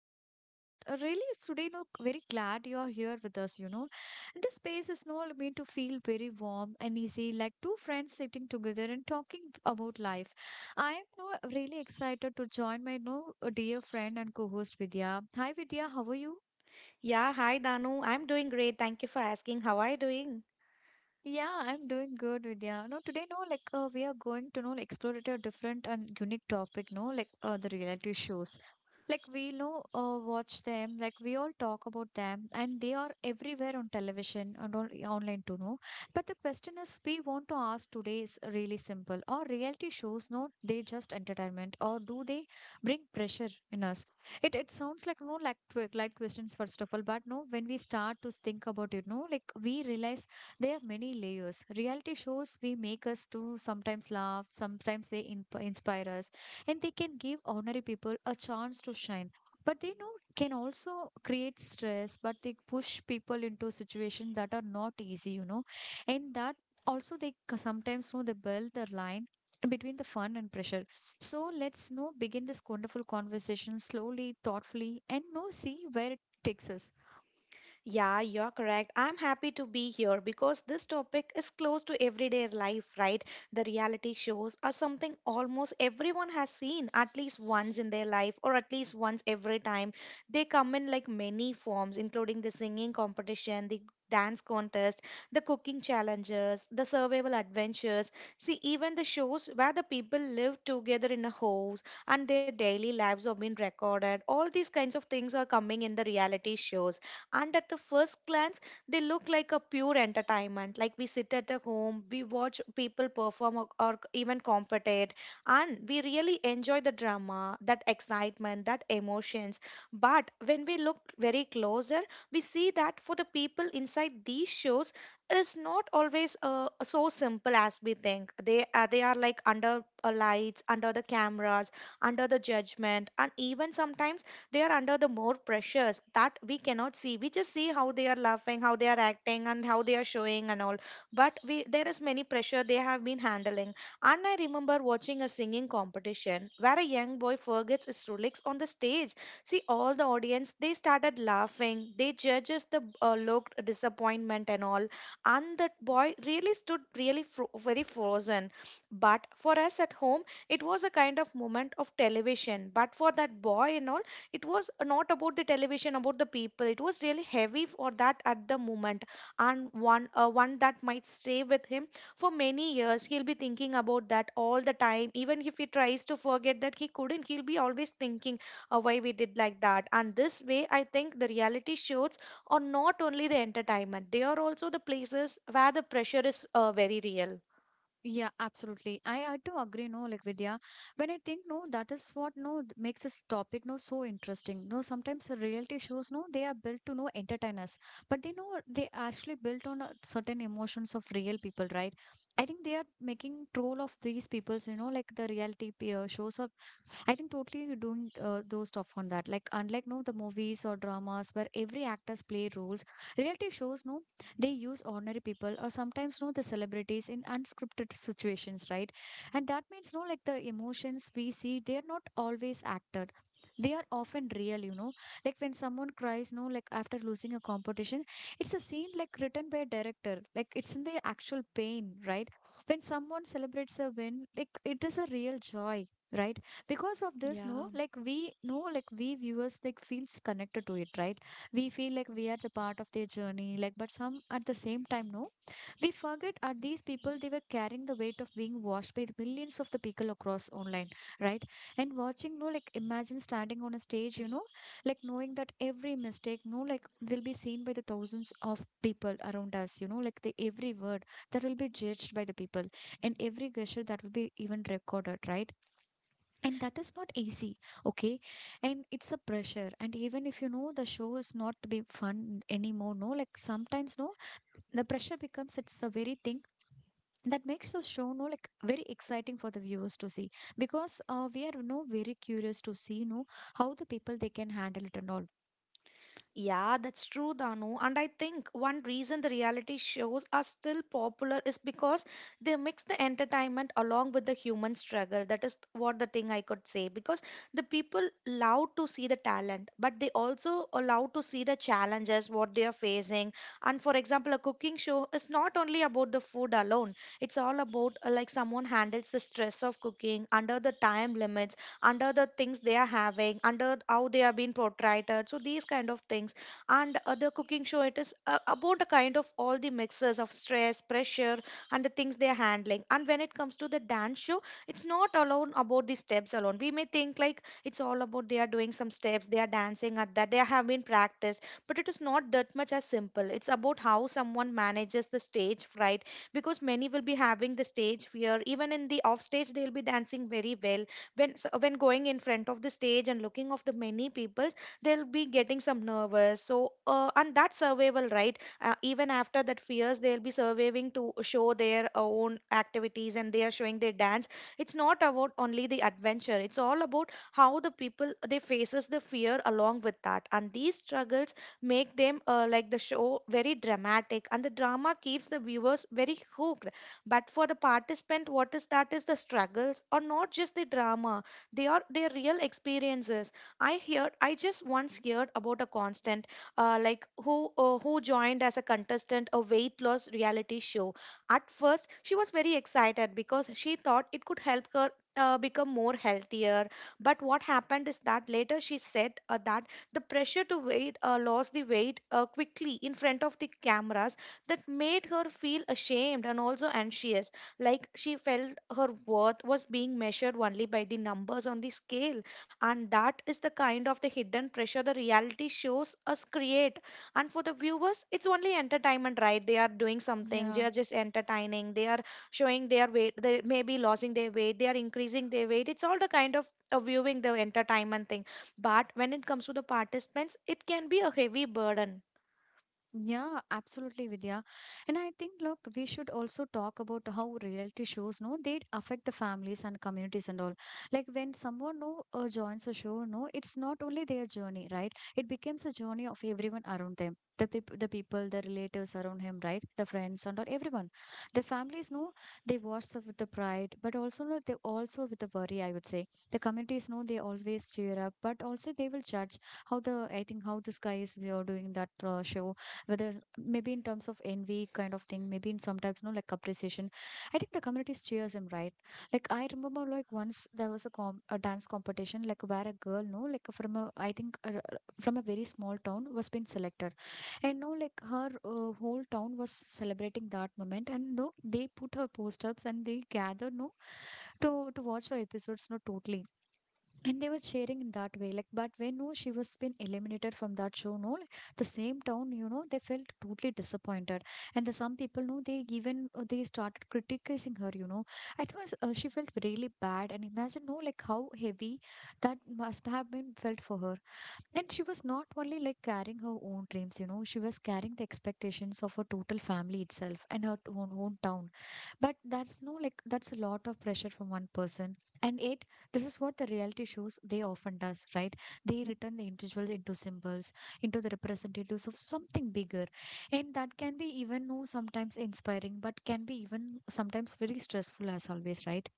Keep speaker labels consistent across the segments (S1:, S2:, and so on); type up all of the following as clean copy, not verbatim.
S1: your host, and really today look very glad you're here with us. This space is not meant to feel very warm and easy, like two friends sitting together and talking about life. I am now really excited to join my new dear friend and co-host Vidya. Hi Vidya, how are you?
S2: Yeah, hi Danu. I'm doing great. Thank you for asking. How are you doing?
S1: Yeah, I'm doing good, Vidya. No, today, no, like we are going to know like, explore it a different and unique topic, no, like the reality shows. Like we know, watch them. Like we all talk about them, and they are everywhere on television and on online too, no. But the question is, we want to ask today is really simple: Are reality shows, no, they just entertainment, or do they bring pressure in us? It sounds like no, like light questions first of all, but no, when we start to think about it, no, like we realize there are many layers. Reality shows we make us to sometimes laugh, sometimes they inspire us, and they can give ordinary people a chance to shine. But they know can also create stress, but they push people into situations that are not easy, you know, and that also they sometimes know they build the line between the fun and pressure. So let's know begin this wonderful conversation slowly, thoughtfully, and know see where it takes us.
S2: Yeah, you're correct. I'm happy to be here because this topic is close to everyday life, right? The reality shows are something almost everyone has seen at least once in their life or at least once every time. They come in like many forms, including the singing competition, the dance contest, the cooking challenges, the survival adventures. See, even the shows where the people live together in a house and their daily lives have been recorded. All these kinds of things are coming in the reality shows, and at the first glance they look like a pure entertainment. Like we sit at a home, we watch people perform or even compete, and we really enjoy the drama, that excitement, that emotions. But when we look very closer, we see that for the people inside these shows is not always so simple as we think. They they are like under lights, under the cameras, under the judgment, and even sometimes they are under the more pressures that we cannot see. We just see how they are laughing, how they are acting, and how they are showing and all, but we, there is many pressure they have been handling. And I remember watching a singing competition where a young boy forgets his lyrics on the stage. See, all the audience they started laughing, they judges the looked disappointment and all, and that boy really stood really very frozen. But for us at home it was a kind of moment of television, but for that boy and all, it was not about the television, about the people, it was really heavy for that at the moment. And one one that might stay with him for many years. He'll be thinking about that all the time. Even if he tries to forget that, he couldn't, he'll be always thinking, why we did like that. And this way I think the reality shows are not only the entertainment, they are also the places where the pressure is very real.
S1: Yeah, absolutely. I do agree, no, like Vidya. When I think, no, that is what, no, makes this topic, no, so interesting. No, sometimes the reality shows, no, they are built to, no, entertain us. But they know they actually built on certain emotions of real people, right? I think they are making troll of these people's, you know, like the reality shows are I think totally you doing those stuff on that. Like unlike no the movies or dramas where every actors play roles, reality shows no they use ordinary people or sometimes no the celebrities in unscripted situations, right? And that means no like the emotions we see they are not always acted. They are often real, you know. Like when someone cries, no, like after losing a competition, it's a scene like written by a director. Like it's in the actual pain, right? When someone celebrates a win, like it is a real joy, right? Because of this no
S2: Yeah.
S1: like we know like we viewers like feels connected to it, right? We feel like we are the part of their journey, like but some at the same time no we forget are these people they were carrying the weight of being watched by the millions of the people across online, right? And watching no like imagine standing on a stage, you know, like knowing that every mistake no like will be seen by the thousands of people around us, you know, like the every word that will be judged by the people and every gesture that will be even recorded, right? And that is not easy. Okay, and it's a pressure and even if you know the show is not to be fun anymore no like sometimes no the pressure becomes it's the very thing that makes the show no like very exciting for the viewers to see because we are no very curious to see no how the people they can handle it and all.
S2: Yeah, that's true, Danu. And I think one reason the reality shows are still popular is because they mix the entertainment along with the human struggle. That is what the thing I could say. Because the people love to see the talent, but they also allow to see the challenges, what they are facing. And for example, a cooking show is not only about the food alone, it's all about like someone handles the stress of cooking under the time limits, under the things they are having, under how they are being portrayed. So these kind of things. And the cooking show, it is about a kind of all the mixes of stress, pressure, and the things they are handling. And when it comes to the dance show, it's not alone about the steps alone. We may think like it's all about they are doing some steps, they are dancing at that, they have been practiced, but it is not that much as simple. It's about how someone manages the stage fright, because many will be having the stage fear. Even in the off stage, they'll be dancing very well, when, so when going in front of the stage and looking of the many people, they'll be getting some nervous. So and that's survival, right? Even after that fears, they'll be surviving to show their own activities, and they are showing their dance. It's not about only the adventure, it's all about how the people they faces the fear along with that, and these struggles make them like the show very dramatic, and the drama keeps the viewers very hooked. But for the participant, what is that is the struggles or not just the drama, they are their real experiences. I just once heard about a constant, like who joined as a contestant a weight loss reality show. At first she was very excited because she thought it could help her become more healthier. But what happened is that later she said that the pressure to weight lost the weight quickly in front of the cameras, that made her feel ashamed and also anxious, like she felt her worth was being measured only by the numbers on the scale. And that is the kind of the hidden pressure the reality shows us create. And for the viewers, it's only entertainment, right? They are doing something, they
S1: Yeah.
S2: are just entertaining, they are showing their weight, they may be losing their weight, they are increasing their weight. It's all the kind of viewing the entertainment thing. But when it comes to the participants, it can be a heavy burden.
S1: Yeah, absolutely, Vidya. And I think, look, we should also talk about how reality shows, no, they affect the families and communities and all. Like when someone no joins a show, no, it's not only their journey, right? It becomes a journey of everyone around them. The people, the relatives around him, right? The friends and all, everyone. The families, no, they watch the, with the pride, but also no, they also with the worry. I would say the communities, no, they always cheer up, but also they will judge how the I think how this guy is you know, doing that show whether maybe in terms of envy kind of thing maybe in sometimes no like appreciation. I think the community cheers him, right? Like I remember like once there was a a dance competition like where a girl no like from a I think from a very small town was being selected and no like her whole town was celebrating that moment and no they put her post ups and they gathered no to to watch her episodes no totally and they were cheering in that way like but when no she was been eliminated from that show no like, the same town you know they felt totally disappointed and the some people no, they even they started criticizing her, you know. I think she felt really bad and imagine no like how heavy that must have been felt for her. And she was not only like carrying her own dreams, you know, she was carrying the expectations of her total family itself and her own town. But that's no like that's a lot of pressure from one person. And it this is what the reality shows they often does, right? They return the individuals into symbols, into the representatives of something bigger. And that can be even no sometimes inspiring, but can be even sometimes very stressful as always, right?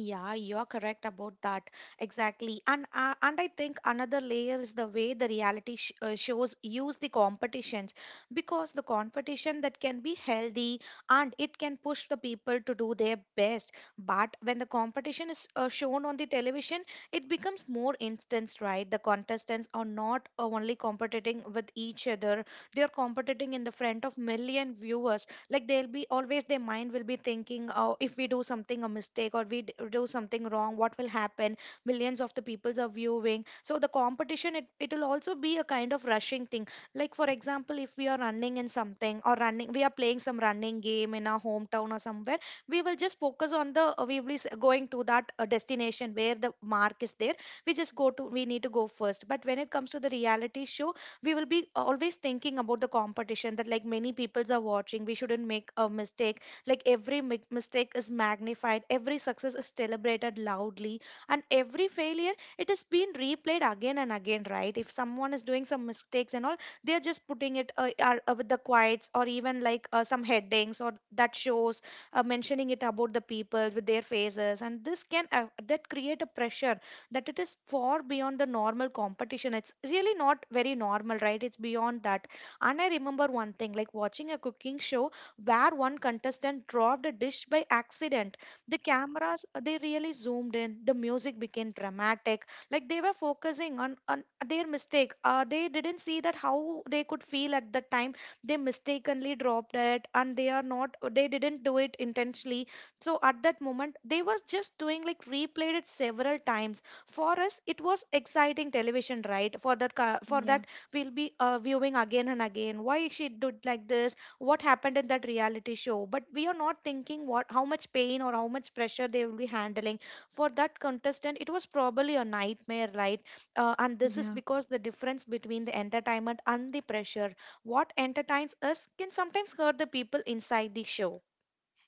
S2: Yeah, you're correct about that. Exactly. And I think another layer is the way the reality sh shows use the competitions, because the competition that can be healthy, and it can push the people to do their best. But when the competition is shown on the television, it becomes more instance, right? The contestants are not only competing with each other, they are competing in the front of million viewers. Like they'll be always, their mind will be thinking, oh, if we do something a mistake or we do something wrong, what will happen? Millions of the peoples are viewing, so the competition, it'll also be a kind of rushing thing. Like for example, if we are running in something, or running, we are playing some running game in our hometown or somewhere, we will just focus on the we will be going to that destination where the mark is there. We just go to, we need to go first. But when it comes to the reality show, we will be always thinking about the competition, that like many peoples are watching, we shouldn't make a mistake. Like every mistake is magnified, every success is celebrated loudly, and every failure, it is being replayed again and again, right? If someone is doing some mistakes and all, they're just putting it with the quiets, or even like some headings or that shows mentioning it about the people with their faces. And this can that create a pressure that it is far beyond the normal competition. It's really not very normal, right? It's beyond that. And I remember one thing like watching a cooking show where one contestant dropped a dish by accident. The cameras, they really zoomed in. The music became dramatic. Like they were focusing on their mistake. They didn't see that how they could feel at the time. They mistakenly dropped it, and they are not, they didn't do it intentionally. So at that moment, they was just doing like replayed it several times. For us it was exciting television, right? For
S1: Yeah,
S2: that, we'll be viewing again and again, why she did like this, what happened in that reality show. But we are not thinking what, how much pain or how much pressure they will be handling. For that contestant it was probably a nightmare, right? And this is
S1: yeah.
S2: because the difference between the entertainment and the pressure, what entertains us can sometimes hurt the people inside the show.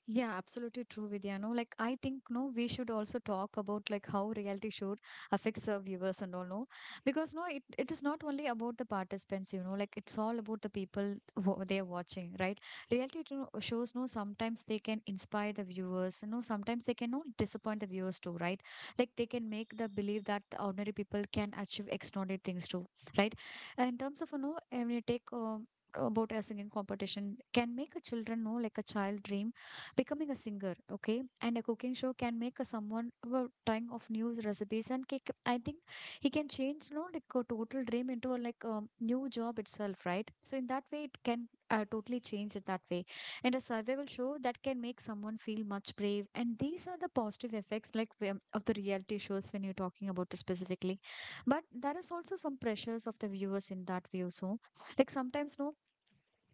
S1: Yeah, absolutely true, Vidya. No, like I think no, we should also talk about like how reality show affects the viewers and all. No, because no, it is not only about the participants. You know, like it's all about the people who they are watching, right? Reality shows. No, sometimes they can inspire the viewers. No, sometimes they can no disappoint the viewers too, right? Like they can make the believe that the ordinary people can achieve extraordinary things too, right? And in terms of you know, when you take about a singing competition, can make a children know like a child dream becoming a singer, okay, and a cooking show can make a someone well, trying of new recipes and kick, I think he can change you know like a total dream into a like a new job itself, right? So in that way it can totally change it that way. And a survival show that can make someone feel much brave and these are the positive effects like of the reality shows when you're talking about it specifically. But there is also some pressures of the viewers in that view so like sometimes no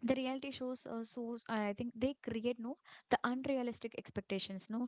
S1: the reality shows shows I think they create no the unrealistic expectations no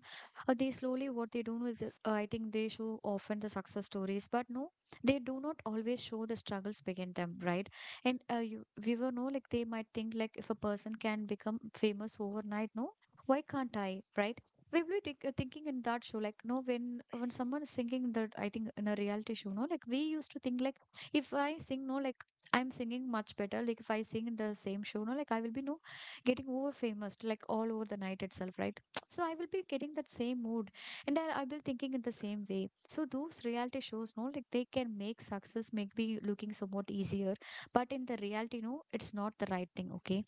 S1: they slowly what they do is I think they show often the success stories but no they do not always show the struggles behind them, right? And you we were no like they might think like if a person can become famous overnight no why can't I, right? We were thinking in that show like no when when someone is singing that I think in a reality show no like we used to think like if I sing no like I'm singing much better. Like if I sing in the same show, no, like I will be no getting over famous, like all over the night itself, right? So I will be getting that same mood, and I'll thinking in the same way. So those reality shows, no, like they can make success make be looking somewhat easier, but in the reality, no, it's not the right thing. Okay,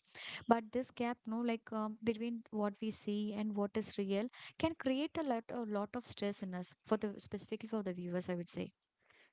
S1: but this gap, no, like between what we see and what is real, can create a lot of stress in us for the specifically for the viewers, I would say.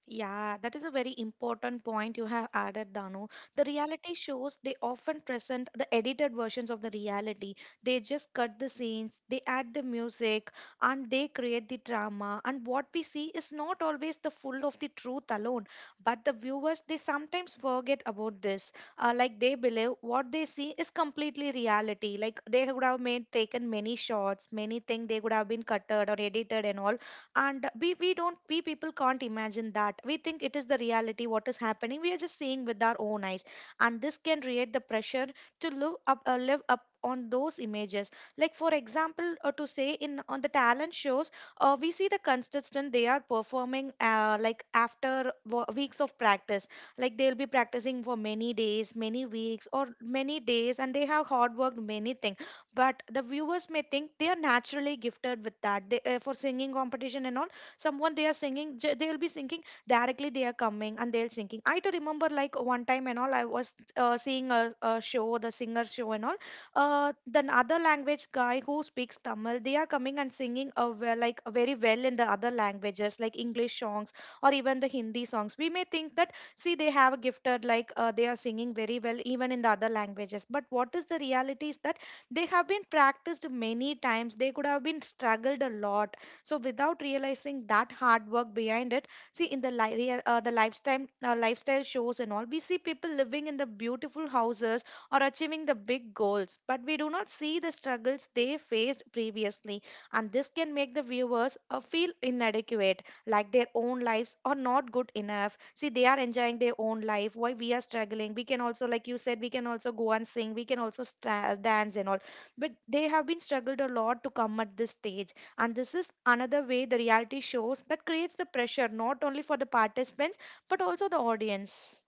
S2: Yeah. that is a very important point you have added, Danu. The reality shows they often present the edited versions of the reality. They just cut the scenes, they add the music, and they create the drama. And what we see is not always the full of the truth alone, but the viewers they sometimes forget about this. Like they believe what they see is completely reality. Like they would have made taken many shots, many things they would have been cutted or edited and all, and we people can't imagine that. We think it is the reality what is happening, we are just seeing with our own eyes, and this can create the pressure to live up on those images. Like for example, to say in on the talent shows, we see the contestant they are performing, like after weeks of practice. Like they'll be practicing for many days, many weeks or many days, and they have hard worked many things, but the viewers may think they are naturally gifted with that, for singing competition and all. Someone they are singing, they'll be singing, directly they are coming and they'll singing. I do remember like one time and all, I was seeing a show, the singer show and all. The other language guy who speaks Tamil, they are coming and singing, like very well in the other languages, like English songs or even the Hindi songs. We may think that, see, they have a gifted, like they are singing very well even in the other languages, but what is the reality is that they have been practiced many times, they could have been struggled a lot. So without realizing that hard work behind it, see in the the lifestyle lifestyle shows and all, we see people living in the beautiful houses or achieving the big goals, but we do not see the struggles they faced previously. And this can make the viewers feel inadequate, like their own lives are not good enough. See, they are enjoying their own life, why we are struggling? We can also, like you said, we can also go and sing, we can also dance and all, but they have been struggled a lot to come at this stage. And this is another way the reality shows that creates the pressure, not only for the participants but also the audience.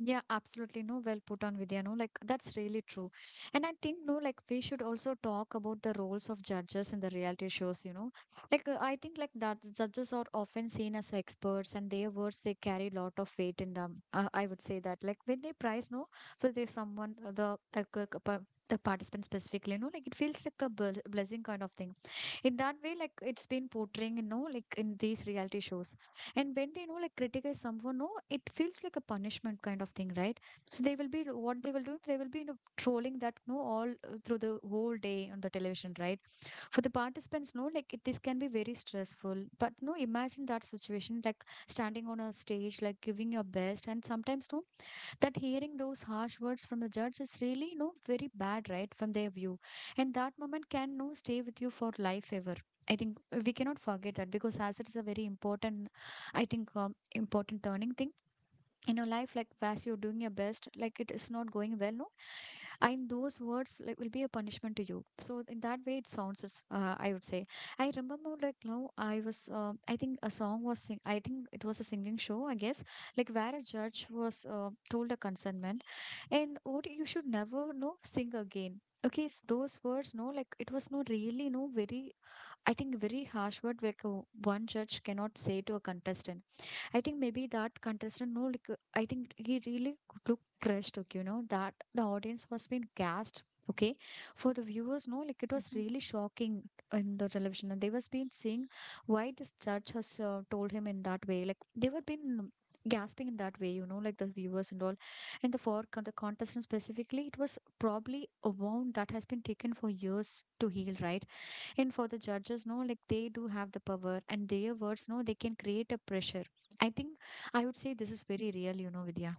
S1: Yeah, absolutely. No, well put on Vidya. No, like that's really true. And I think, no, like we should also talk about the roles of judges in the reality shows, you know. Like, I think, like, that judges are often seen as experts and their words, they carry lot of weight in them. I would say that, like, when they prize, no, for the someone, the, like, c- c- pa- the participant specifically, no, like it feels like a bl blessing kind of thing in that way, like it's been portraying, you know, like in these reality shows. And when they, you know, like criticize someone, no, it feels like a punishment kind of thing, right? So they will be, what they will do, they will be, you know, trolling that, no, all through the whole day on the television, right? For the participants, no, like it, this can be very stressful, but no, imagine that situation, like standing on a stage, like giving your best, and sometimes no, that hearing those harsh words from the judge is really, no, very bad, right, from their view. And that moment can, no, stay with you for life ever, I think. We cannot forget that, because hazard is a very important, I think important turning thing in your life. Like as you're doing your best, like it is not going well, no, and those words like will be a punishment to you. So in that way it I would say, I remember, like now I was I think a I think it was a singing show, I guess, like where a judge was told a consentment, and what you should never, no, sing again. Okay, those words, no, like it was no really no very, I think, very harsh word, like one judge cannot say to a contestant. I think maybe that contestant, no, like, I think he really looked dressed, okay, you know, that the audience was being gassed. Okay, for the viewers, no, like it was
S2: Mm-hmm.
S1: really shocking in the television, and they was been seeing why this judge has told him in that way. Like they were been gasping in that way, you know, like the viewers and all. And the contestant specifically, it was probably a wound that has been taken for years to heal, right? And for the judges, no, like they do have the power, and their words, no, they can create a pressure, I think. I would say this is very real, you know, Vidya.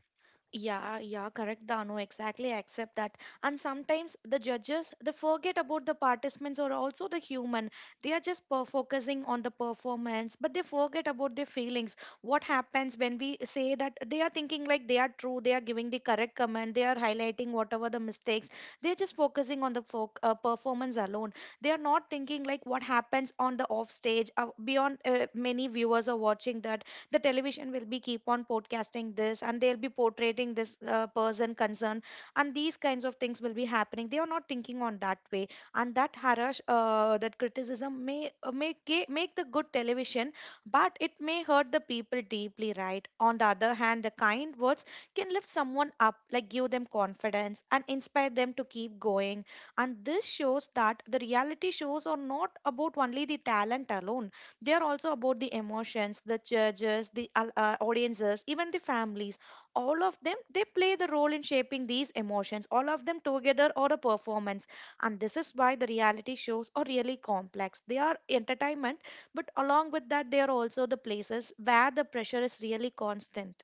S2: Yeah, yeah, correct, Danu. Exactly, I accept that. And sometimes the judges they forget about the participants or also the human. They are just focusing on the performance, but they forget about their feelings. What happens when we say that they are thinking like they are true, they are giving the correct comment, they are highlighting whatever the mistakes. They are just focusing on the foc performance alone. They are not thinking like what happens on the off stage, beyond many viewers are watching that. The television will be keep on podcasting this, and they'll be portraying this person concerned, and these kinds of things will be happening. They are not thinking on that way, and that harass that criticism may make make the good television, but it may hurt the people deeply, right? On the other hand, the kind words can lift someone up, like give them confidence and inspire them to keep going. And this shows that the reality shows are not about only the talent alone, they are also about the emotions, the judges, the audiences, even the families. All of them, they play the role in shaping these emotions. All of them together or a performance. And this is why the reality shows are really complex. They are entertainment, but along with that, they are also the places where the pressure is really constant.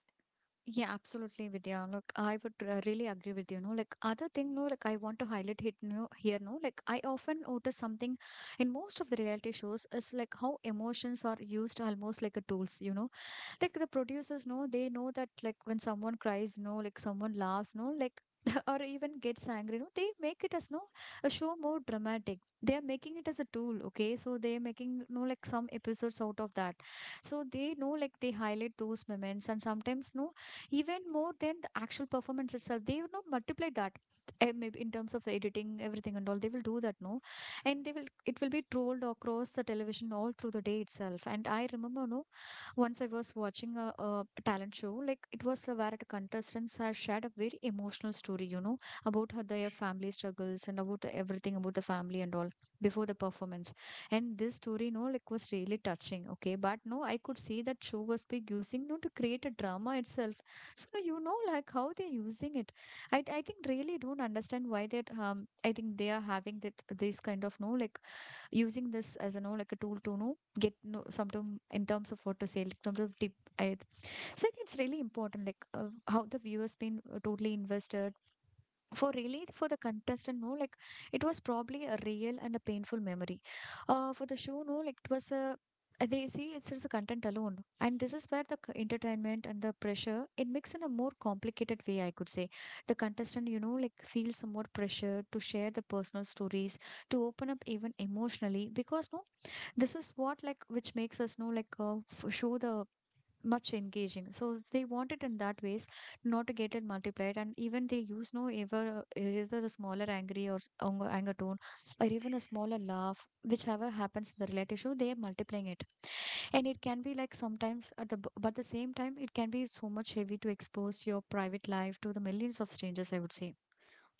S1: Yeah, absolutely, Vidya. Look, I would really agree with you. No, like other thing, no, like I want to highlight it, no, here. No, like I often notice something in most of the reality shows is like how emotions are used almost like a tools. You know, like the producers know, they know that like when someone cries, no, like someone laughs, no, like or even gets angry, no, they make it as, no, a show more dramatic. They are making it as a tool, okay, so they are making, no, like some episodes out of that. So they know, like they highlight those moments, and sometimes no, even more than the actual performance itself, they, you know, multiply that, maybe in terms of editing everything and all. They will do that, no, and they will, it will be trolled across the television all through the day itself. And I remember, no, once I was watching a talent show, like it was where the contestants have shared a very emotional story, you know, about how their family struggles and about everything about the family and all before the performance. And this story, no, like was really touching. Okay, but no, I could see that show was big using, no, to create a drama itself. So you know, like how they're using it. I think really don't understand why that, I think they are having that these kind of, no, like using this as a, know, like a tool to, know, get, know, something in terms of what to say, like terms of tip. I, so I think it's really important like how the viewers been totally invested for really, for the contestant, no, like it was probably a real and a painful memory for the show, no, like it was a they see it's just the content alone. And this is where the entertainment and the pressure it mix in a more complicated way, I could say. The contestant, you know, like feels some more pressure to share the personal stories, to open up even emotionally, because no, this is what like which makes us, know, like show the much engaging. So they want it in that ways, not to get it multiplied. And even they use, no, ever either a smaller angry or anger tone, or even a smaller laugh, whichever happens in the relative show, they are multiplying it. And it can be like sometimes at the but the same time it can be so much heavy to expose your private life to the millions of strangers, I would say.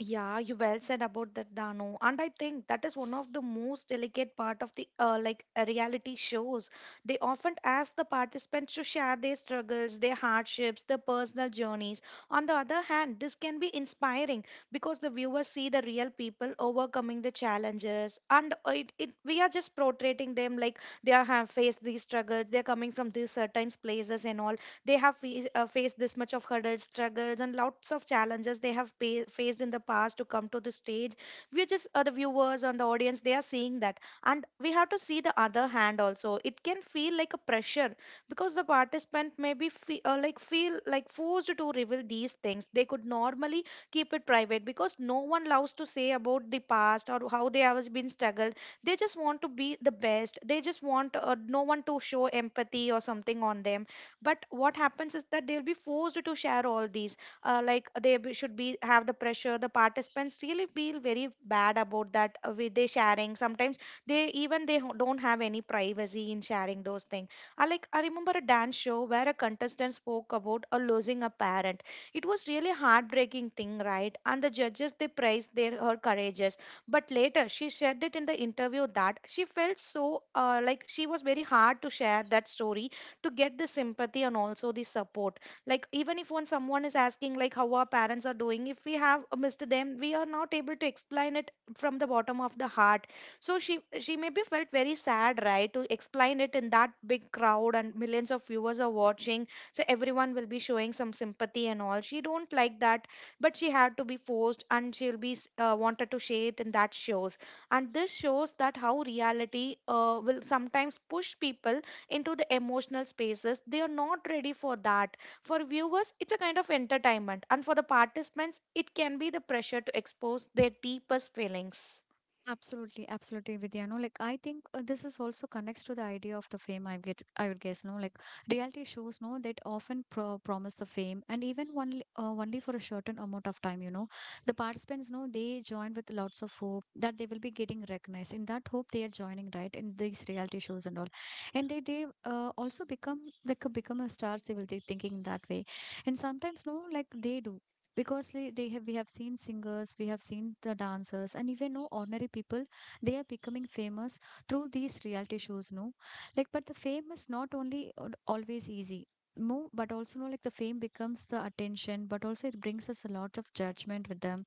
S2: Yeah, you well said about that, Dano. And I think that is one of the most delicate part of the reality shows. They often ask the participants to share their struggles, their hardships, their personal journeys. On the other hand, this can be inspiring because the viewers see the real people overcoming the challenges, and it we are just portraying them like they are have faced these struggles, they're coming from these certain places and all. They have faced this much of hurdles, struggles, and lots of challenges they have faced in the past to come to the stage. We're just the viewers and the audience, they are seeing that. And we have to see the other hand also. It can feel like a pressure because the participant may be like feel like forced to reveal these things. They could normally keep it private because no one loves to say about the past or how they have been struggled. They just want to be the best. They just want, no one to show empathy or something on them, but what happens is that they'll be forced to share all these, like they should be have the pressure. The participants really feel very bad about that, with they sharing sometimes they even they don't have any privacy in sharing those things. I remember a dance show where a contestant spoke about a losing a parent. It was really heartbreaking thing, right? And the judges they praised their her courageous, but later she said it in the interview that she felt so, like she was very hard to share that story to get the sympathy and also the support. Like even if when someone is asking like how our parents are doing, if we have a missed them, we are not able to explain it from the bottom of the heart. So she maybe felt very sad, right, to explain it in that big crowd and millions of viewers are watching. So everyone will be showing some sympathy and all, she don't like that. But she had to be forced, and she'll be wanted to share it in that shows. And this shows that how reality will sometimes push people into the emotional spaces they are not ready for that. For viewers, it's a kind of entertainment, and for the participants it can be the pressure to expose their deepest feelings.
S1: Absolutely, absolutely, Vidya. No, like I think this is also connects to the idea of the fame, I get, I would guess. No, like reality shows, no, that often promise the fame, and even only, only for a certain amount of time. You know, the participants, no, they join with lots of hope that they will be getting recognized. In that hope, they are joining right in these reality shows and all, and they also become like become a stars. They will be thinking that way, and sometimes no, like they do, because they have we have seen singers, we have seen the dancers, and even no ordinary people, they are becoming famous through these reality shows, no. Like but the fame is not only always easy, no, but also no, like the fame becomes the attention, but also it brings us a lot of judgment with them.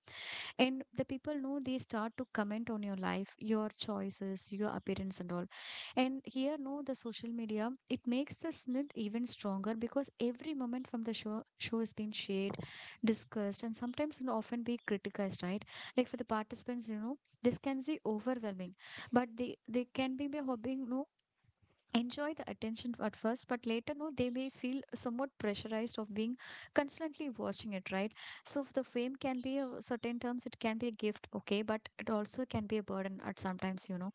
S1: And the people know, they start to comment on your life, your choices, your appearance, and all. And here, no, the social media, it makes the snid even stronger, because every moment from the show has been shared, discussed, and sometimes will often be criticized, right? Like for the participants, you know, this can be overwhelming. But they can be a hobby, no, enjoy the attention at first, but later, no, they may feel somewhat pressurized of being constantly watching it, right? So the fame can be a certain terms, it can be a gift, okay, but it also can be a burden at sometimes, you know.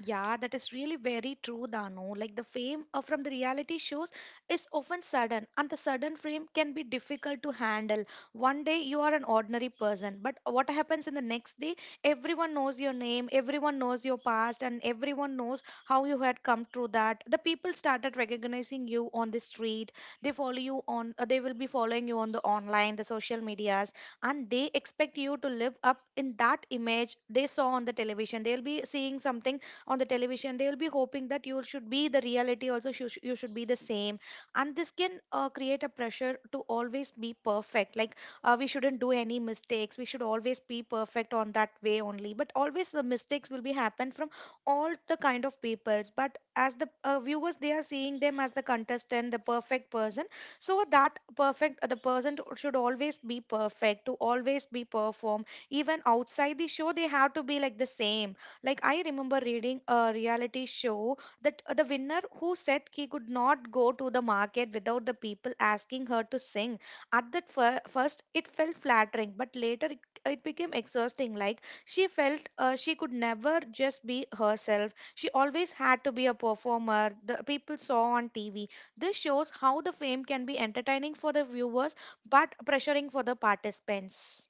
S2: Yeah, that is really very true, Danu. Like the fame from the reality shows is often sudden, and the sudden fame can be difficult to handle. One day you are an ordinary person, but what happens in the next day? Everyone knows your name, everyone knows your past, and everyone knows how you had come through that. The people started recognizing you on the street. They follow you on. They will be following you on the online, the social medias, and they expect you to live up in that image they saw on the television. They'll be seeing something on the television, they will be hoping that you should be the reality also. You should be the same, and this can create a pressure to always be perfect. Like we shouldn't do any mistakes, we should always be perfect on that way only, but always the mistakes will be happen from all the kind of peoples. But as the viewers, they are seeing them as the contestant, the perfect person. So that perfect the person should always be perfect to always be perform even outside the show, they have to be like the same. Like I remember reading a reality show that, the winner who said he could not go to the market without the people asking her to sing. At that first, it felt flattering, but later it, it became exhausting. Like she felt, she could never just be herself. She always had to be a performer the people saw on TV. This shows how the fame can be entertaining for the viewers, but pressuring for the participants.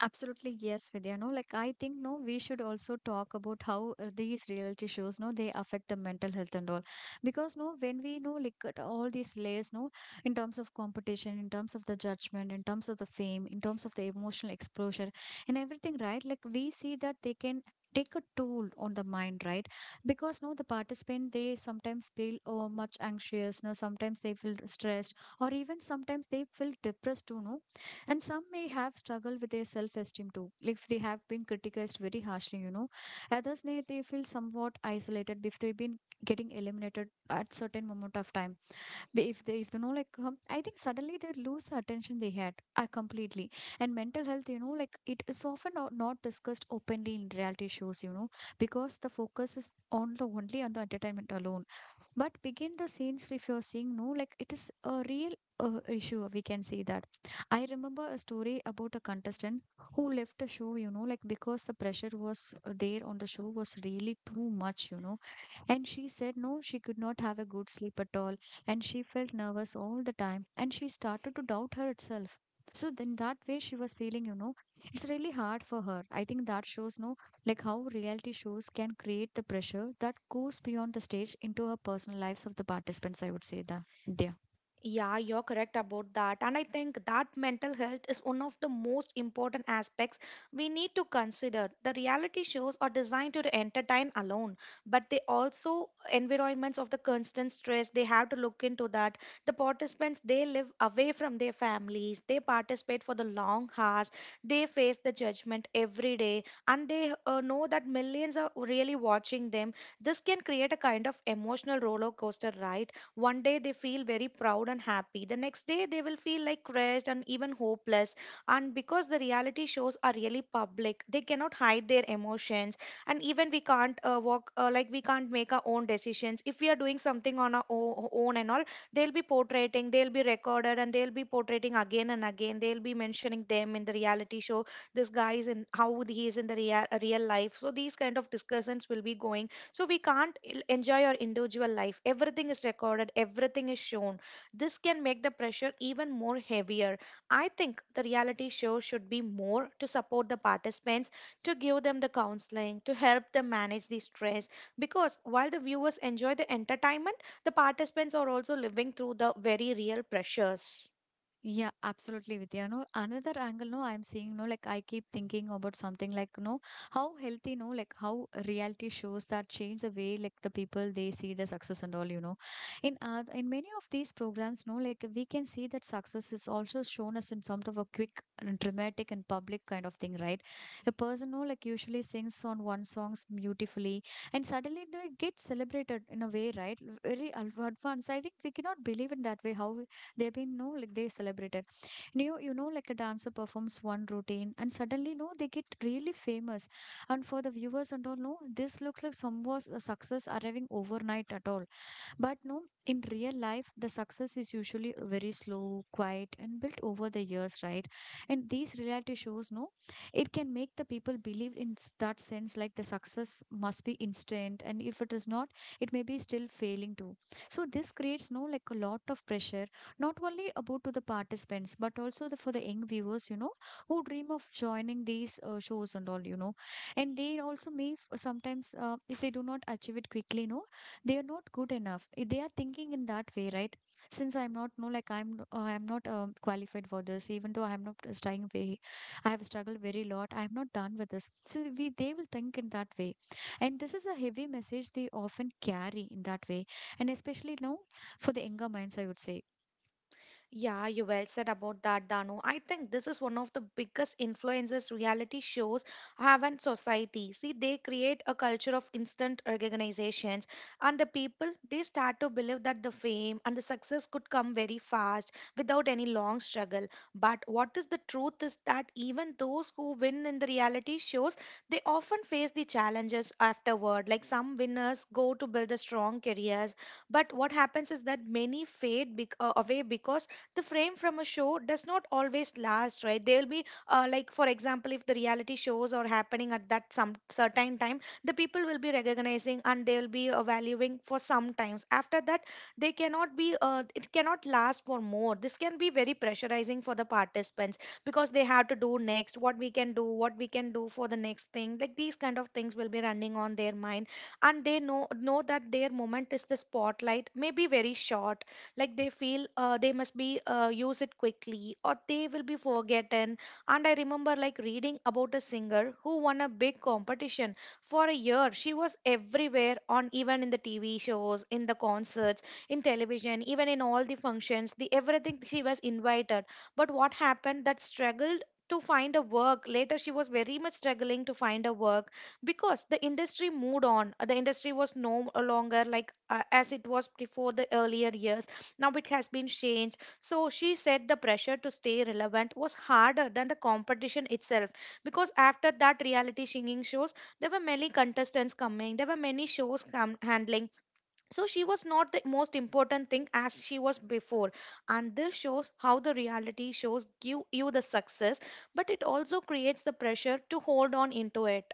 S1: Absolutely, yes, Vidya. No, like I think no, we should also talk about how these reality shows, no, they affect the mental health and all. Because no, when we know like at all these layers, no, in terms of competition, in terms of the judgment, in terms of the fame, in terms of the emotional exposure and everything, right? Like we see that they can take a toll on the mind, right? Because no, the participant, they sometimes feel oh, much anxious, no, sometimes they feel stressed, or even sometimes they feel depressed too, no. And some may have struggled with their self-esteem too, like if they have been criticized very harshly, you know. Others may they feel somewhat isolated if they've been getting eliminated at certain moment of time. They- if they, if you know like, I think suddenly they lose the attention they had completely. And mental health, you know, like it is often not discussed openly in reality shows, you know, because the focus is on the only on the entertainment alone. But begin the scenes, if you're seeing, no, like it is a real issue, we can see that. I remember a story about a contestant who left the show, you know, like because the pressure was there on the show was really too much, you know. And she said, no, she could not have a good sleep at all, and she felt nervous all the time, and she started to doubt her itself. So then that way she was feeling, you know, it's really hard for her. I think that shows, no, like how reality shows can create the pressure that goes beyond the stage into our personal lives of the participants, I would say that.
S2: Yeah, you're correct about that. And I think that mental health is one of the most important aspects we need to consider. The reality shows are designed to entertain alone, but they also environments of the constant stress, they have to look into that. The participants they live away from their families, they participate for the long hours, they face the judgment every day, and they know that millions are really watching them. This can create a kind of emotional roller coaster, right? One day they feel very proud and happy. The next day they will feel like crushed and even hopeless. And because the reality shows are really public, they cannot hide their emotions. And even we can't walk, like we can't make our own decisions. If we are doing something on our own and all, they'll be portraying, they'll be recorded, and they'll be portraying again and again. They'll be mentioning them in the reality show. This guy is in how he is in the real, real life. So these kind of discussions will be going, so we can't enjoy our individual life. Everything is recorded, everything is shown. This can make the pressure even more heavier. I think the reality show should be more to support the participants, to give them the counseling, to help them manage the stress, because while the viewers enjoy the entertainment, the participants are also living through the very real pressures.
S1: Yeah, absolutely, Vidya. No, another angle, no, I'm seeing, no, like I keep thinking about something like, no, how healthy, no, like how reality shows that change the way, like the people they see the success and all, you know. In many of these programs, no, like we can see that success is also shown as in sort of a quick and dramatic and public kind of thing, right? A person, no, like usually sings on one songs beautifully, and suddenly no, it gets celebrated in a way, right? Very advanced. I think we cannot believe in that way how they've been, no, like they celebrated. And you know like a dancer performs one routine and suddenly no they get really famous. And for the viewers and all, no, this looks like some was a success arriving overnight at all. But no, in real life, the success is usually very slow, quiet, and built over the years, right? And these reality shows, no, it can make the people believe in that sense like the success must be instant, and if it is not, it may be still failing too. So this creates no like a lot of pressure, not only about to the participants, but also for the young viewers, who dream of joining these shows and all, and they also sometimes if they do not achieve it quickly, no, they are not good enough. They are thinking in that way, right? Since I'm not, I'm not qualified for this, even though I'm not trying very. I have struggled very lot. I'm not done with this, so we they will think in that way. And this is a heavy message they often carry in that way, and especially now, for the younger minds, I would say.
S2: Yeah, you well said about that, Danu. I think this is one of the biggest influences reality shows have on society. See, they create a culture of instant recognizations, and the people they start to believe that the fame and the success could come very fast without any long struggle. But what is the truth is that even those who win in the reality shows, they often face the challenges afterward. Like some winners go to build a strong careers, but what happens is that many away because the frame from a show does not always last, right? They'll be, like, for example, if the reality shows are happening at that some certain time, the people will be recognizing and they'll be valuing for some times. After that, they cannot be. It cannot last for more. This can be very pressurizing for the participants because they have to do next what we can do for the next thing. Like these kind of things will be running on their mind, and they know that their moment is the spotlight, may be very short, like they feel they must be use it quickly or they will be forgotten. And I remember, like, reading about a singer who won a big competition. For a year she was everywhere, on even in the TV shows, in the concerts, in television, even in all the functions, the everything she was invited. But what happened, that struggled to find a work later, she was very much struggling to find a work because the industry moved on. The industry was no longer, like, as it was before, the earlier years. Now it has been changed. So she said the pressure to stay relevant was harder than the competition itself, because after that reality singing shows, there were many contestants coming, there were many shows handling. So she was not the most important thing as she was before. And this shows how the reality shows give you the success, but it also creates the pressure to hold on into it.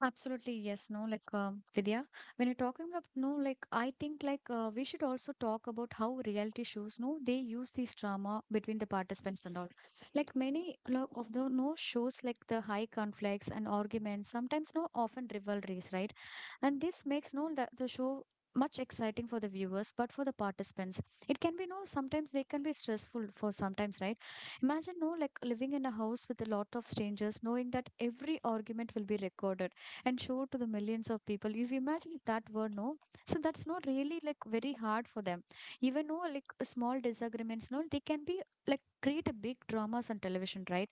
S1: Absolutely, yes, no, like Vidya, when you're talking about no, like I think we should also talk about how reality shows, no, they use this drama between the participants and all. Like many of the no shows, like the high conflicts and arguments, sometimes no, often rivalries, right? And this makes no the show much exciting for the viewers, but for the participants, it can be no. Sometimes they can be stressful for sometimes, right? Imagine no, like living in a house with a lot of strangers, knowing that every argument will be recorded and show to the millions of people, if you imagine if that were no, so that's not really like very hard for them. Even no, like small disagreements no, they can be like, create a big dramas on television, right?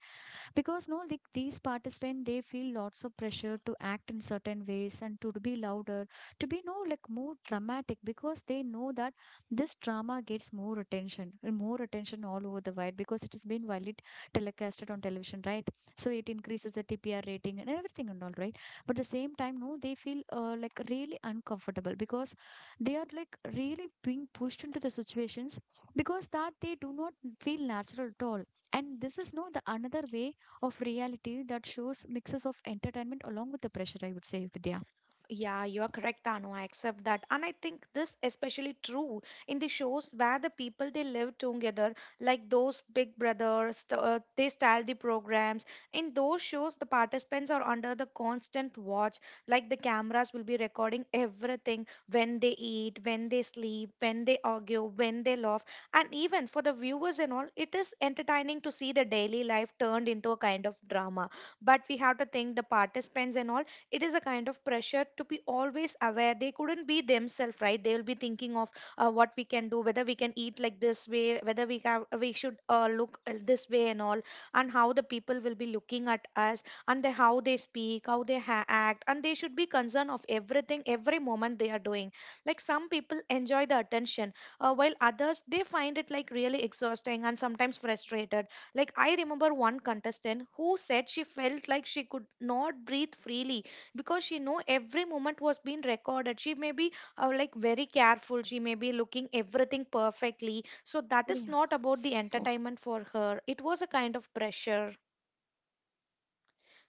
S1: Because no, like these participants, they feel lots of pressure to act in certain ways and to be louder, to be no like more dramatic, because they know that this drama gets more attention and more attention all over the world, because it has been widely telecasted on television, right? So it increases the tpr rating and everything and all, right? But the same time no, they feel like really uncomfortable, because they are like really being pushed into the situations because that they do not feel natural at all. And this is no the another way of reality that shows mixes of entertainment along with the pressure, I would say, Vidya.
S2: Yeah, you are correct, Anu. I accept that. And I think this especially true in the shows where the people they live together, like those Big Brothers, they style the programs. In those shows, the participants are under the constant watch, like the cameras will be recording everything when they eat, when they sleep, when they argue, when they laugh. And even for the viewers and all, it is entertaining to see the daily life turned into a kind of drama. But we have to think the participants and all, it is a kind of pressure to be always aware they couldn't be themselves, right? They will be thinking of what we can do, whether we can eat like this way, whether we should look this way and all, and how the people will be looking at us, and how they speak, how they act, and they should be concerned of everything every moment they are doing. Like some people enjoy the attention, while others they find it like really exhausting and sometimes frustrated. Like I remember one contestant who said she felt like she could not breathe freely because she know every moment was being recorded. She may be like very careful, she may be looking everything perfectly, so that
S1: Oh,
S2: is
S1: yeah.
S2: not about the
S1: So,
S2: entertainment for her, it was a kind of pressure.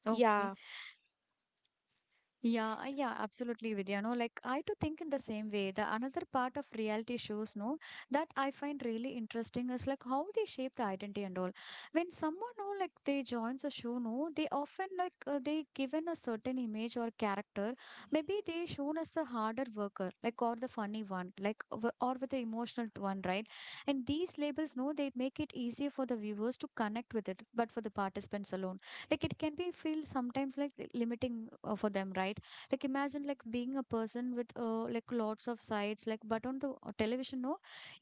S1: okay.
S2: Yeah.
S1: Yeah, absolutely, Vidya. No, like I too think in the same way. The another part of reality shows, no, that I find really interesting is like how they shape the identity and all. When someone, no, like they joins a show, no, they often they given a certain image or character. Maybe they shown as the harder worker, like or the funny one, like or with the emotional one, right? And these labels, no, they make it easier for the viewers to connect with it, but for the participants alone, like it can be feel sometimes like limiting for them, right? Like imagine like being a person with like lots of sides, like but on the television no,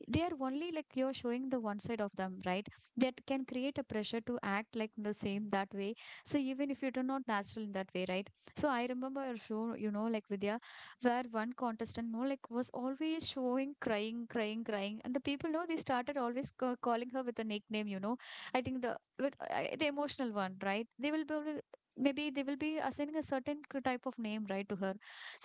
S1: they are only like you're showing the one side of them, right? That can create a pressure to act like the same that way, so even if you do not natural in that way, right? So I remember a show, you know, like Vidya, where one contestant no, was always showing crying crying crying, and the people no, they started always calling her with a nickname, you know. I think the with the emotional one, right? They will be, maybe they will be assigning a certain type of name, right, to her.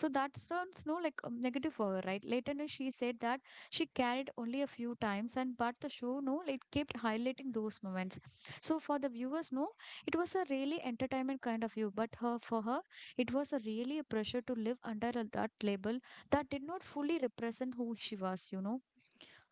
S1: So that sounds no, like negative for her, right? Later no, she said that she carried only a few times, and but the show no, it kept highlighting those moments. So for the viewers no, it was a really entertainment kind of view, but her for her, it was a really a pressure to live under that label that did not fully represent who she was, you know.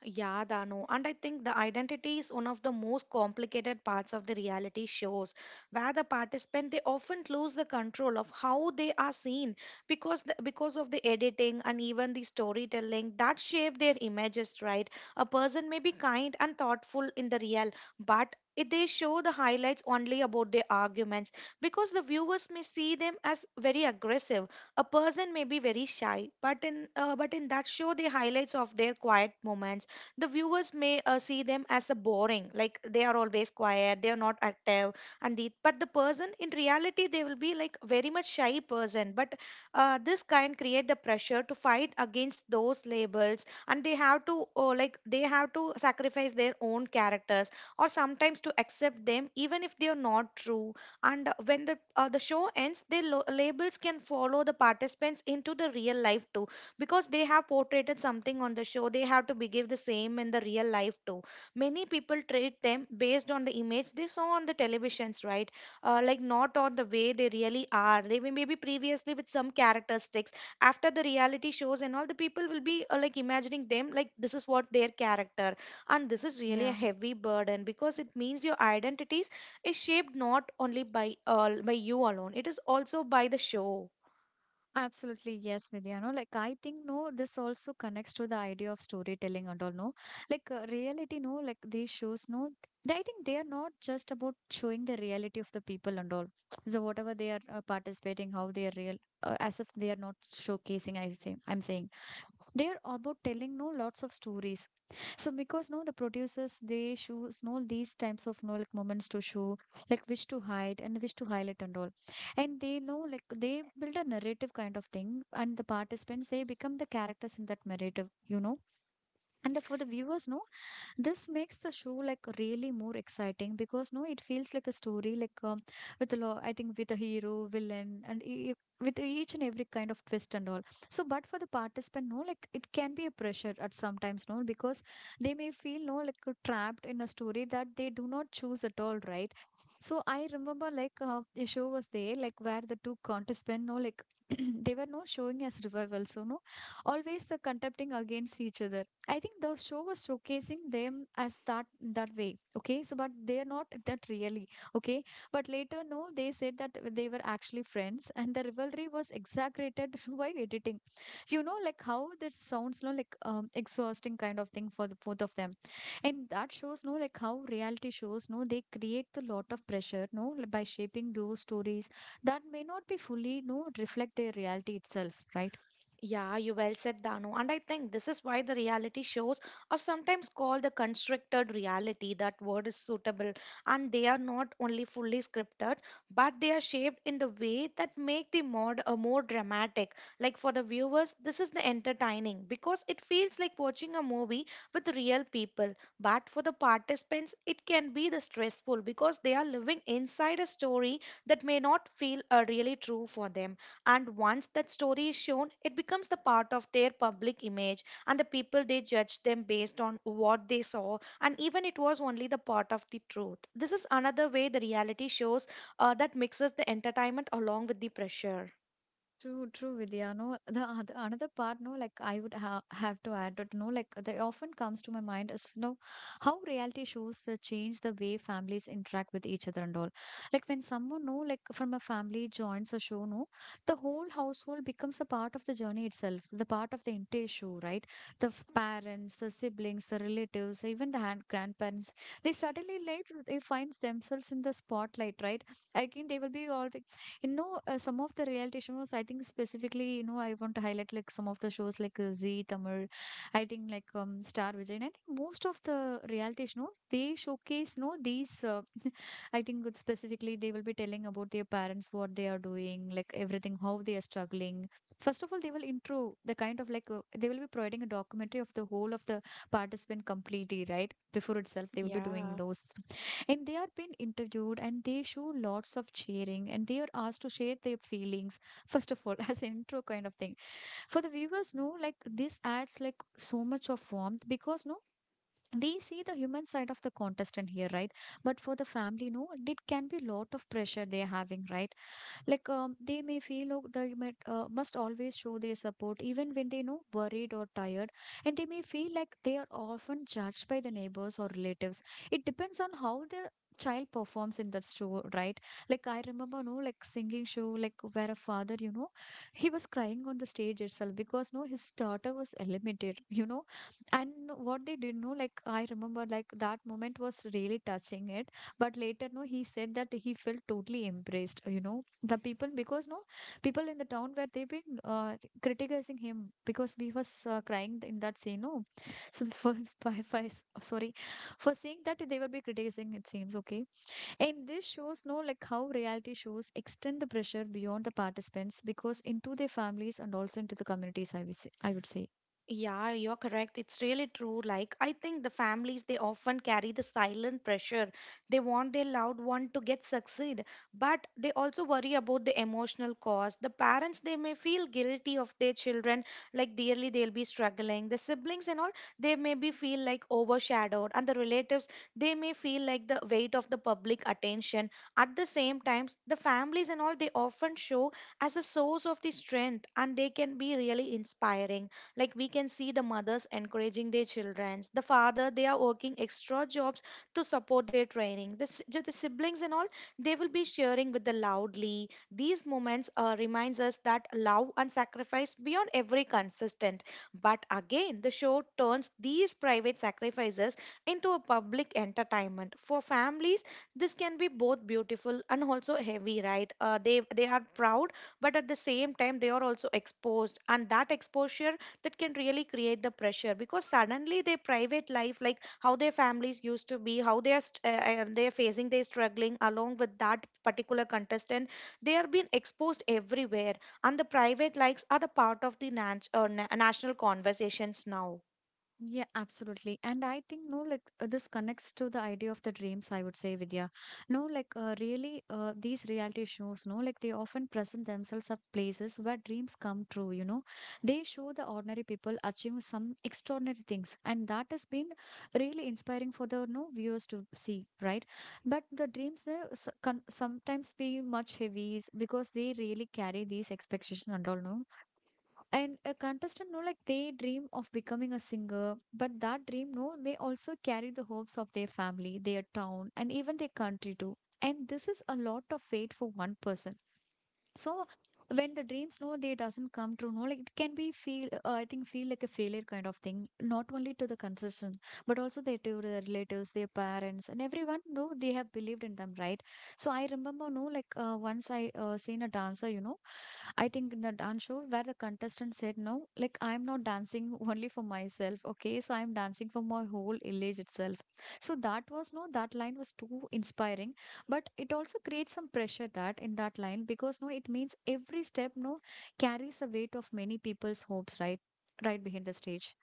S2: Yeah, Danu. And I think the identity is one of the most complicated parts of the reality shows, where the participant they often lose the control of how they are seen because because of the editing and even the storytelling that shape their images. Right, a person may be kind and thoughtful in the real, but if they show the highlights only about their arguments, because the viewers may see them as very aggressive. A person may be very shy, but in that show they highlights of their quiet moments, the viewers may see them as a boring, like they are always quiet they are not active. And the but the person in reality they will be like very much shy person, but this kind create the pressure to fight against those labels, and they have to sacrifice their own characters, or sometimes to accept them even if they are not true. And when the show ends, the labels can follow the participants into the real life too, because they have portrayed something on the show they have to behave the same in the real life too. Many people treat them based on the image they saw on the televisions, right? Like not on the way they really are. They may maybe previously with some characteristics, after the reality shows and all, the people will be like imagining them, like this is what their character. And this is really
S1: Yeah.
S2: a heavy burden because it means your identities is shaped not only by you alone, it is also by the show.
S1: Absolutely, yes, Vidya. No, like I think no, this also connects to the idea of storytelling and all. No, reality. No, like these shows. No, they, I think they are not just about showing the reality of the people and all. So whatever they are participating, how they are real, as if they are not showcasing. I say, I'm saying they are about telling no lots of stories. So because no, the producers they choose no these types of no like moments to show, like wish to hide and wish to highlight and all. And they know, like, they build a narrative kind of thing, and the participants, they become the characters in that narrative, you know. And for the viewers, no, this makes the show like really more exciting because no, it feels like a story with a lot. I think with a hero, villain, and with each and every kind of twist and all. So, but for the participant, no, like it can be a pressure at sometimes, no, because they may feel no like trapped in a story that they do not choose at all, right? So I remember like a show was there like where the two contestants no like they were no showing as revivals so no, always the contending against each other. I think the show was showcasing them as that that way. Okay, so but they are not that really. Okay, but later no, they said that they were actually friends, and the rivalry was exaggerated by editing. You know, like how that sounds, no, exhausting kind of thing for the both of them, and that shows no, like how reality shows no, they create a lot of pressure no, by shaping those stories that may not be fully no reflect their reality itself, right?
S2: Yeah, you well said, Danu. And I think this is why the reality shows are sometimes called the constructed reality. That word is suitable. And they are not only fully scripted, but they are shaped in the way that make the mod more dramatic. Like for the viewers, this is the entertaining because it feels like watching a movie with real people. But for the participants, it can be the stressful because they are living inside a story that may not feel really true for them. And once that story is shown it becomes the part of their public image and the people they judge them based on what they saw, and even it was only the part of the truth. This is another way the reality shows that mixes the entertainment along with the pressure.
S1: True, true, Vidya. No, the another part, no, like I would ha have to add it, no, like they often comes to my mind is, no, how reality shows the change the way families interact with each other and all. Like when someone, no, like from a family joins a show, no, the whole household becomes a part of the journey itself, the part of the entire show, right? The parents, the siblings, the relatives, even the hand grandparents, they suddenly like they find themselves in the spotlight, right? Again, they will be all, you know. Some of the reality shows, I think specifically, you know, I want to highlight like some of the shows like Z Tamil, I think like Star Vijay, and I think most of the reality shows they showcase, you know, these I think it's specifically they will be telling about their parents, what they are doing, like everything, how they are struggling. First of all, they will intro the kind of like they will be providing a documentary of the whole of the participant completely, right? Before itself, they will be doing
S2: Yeah.
S1: those. And they are being interviewed and they show lots of cheering and they are asked to share their feelings, first of all, as an intro kind of thing for the viewers no, like this adds like so much of warmth, because no, we see the human side of the contestant here, right? But for the family no, it can be lot of pressure they're having, right? They may feel oh, they might, must always show their support even when they know worried or tired, and they may feel like they are often judged by the neighbors or relatives. It depends on how the child performs in that show, right? Like I remember no, like singing show like where a father, you know, he was crying on the stage itself because no, his daughter was eliminated, you know. And what they did no, like I remember like that moment was really touching it, but later no, he said that he felt totally embraced, you know, the people, because no, people in the town where they've been criticizing him because we was crying in that scene no. So for sorry, for saying that they will be criticizing it seems okay. And this shows no, like how reality shows extend the pressure beyond the participants, because into their families and also into the communities, I would say, I would say.
S2: Yeah, you're correct. It's really true. Like, I think the families, they often carry the silent pressure. They want their loved one to get succeed, but they also worry about the emotional cost. The parents, they may feel guilty of their children, like dearly they'll be struggling. The siblings and all, they may be feel like overshadowed. And the relatives, they may feel like the weight of the public attention. At the same times, the families and all, they often show as a source of the strength and they can be really inspiring, like we can see the mothers encouraging their children, the father they are working extra jobs to support their training, the siblings and all, they will be sharing with the loudly these moments, reminds us that love and sacrifice beyond every consistent. But again the show turns these private sacrifices into a public entertainment for families. This can be both beautiful and also heavy, right? They are proud, but at the same time they are also exposed, and that exposure, that can really create the pressure, because suddenly their private life, like how their families used to be, how they are and they're facing, they're struggling along with that particular contestant, they are being exposed everywhere. And the private likes are the part of the national conversations now.
S1: Yeah, absolutely. And I think, no, this connects to the idea of the dreams, I would say, Vidya. No, like these reality shows, no, like they often present themselves as places where dreams come true, you know. They show the ordinary people achieving some extraordinary things. And that has been really inspiring for the no viewers to see, right? But the dreams can sometimes be much heavy s- because they really carry these expectations and all, no, and a contestant no, like they dream of becoming a singer, but that dream no may also carry the hopes of their family, their town, and even their country too. And this is a lot of weight for one person. So when the dreams no they doesn't come true no, like it can be feel I think feel like a failure kind of thing, not only to the contestant but also their to their relatives, their parents, and everyone. No, they have believed in them, right? So I remember no like once I seen a dancer, you know. I think in the dance show where the contestant said, no, like I'm not dancing only for myself, okay? So I'm dancing for my whole village itself. So that was no, that line was too inspiring, but it also creates some pressure that in that line because no, it means every step no carries the weight of many people's hopes, right? Right behind the stage.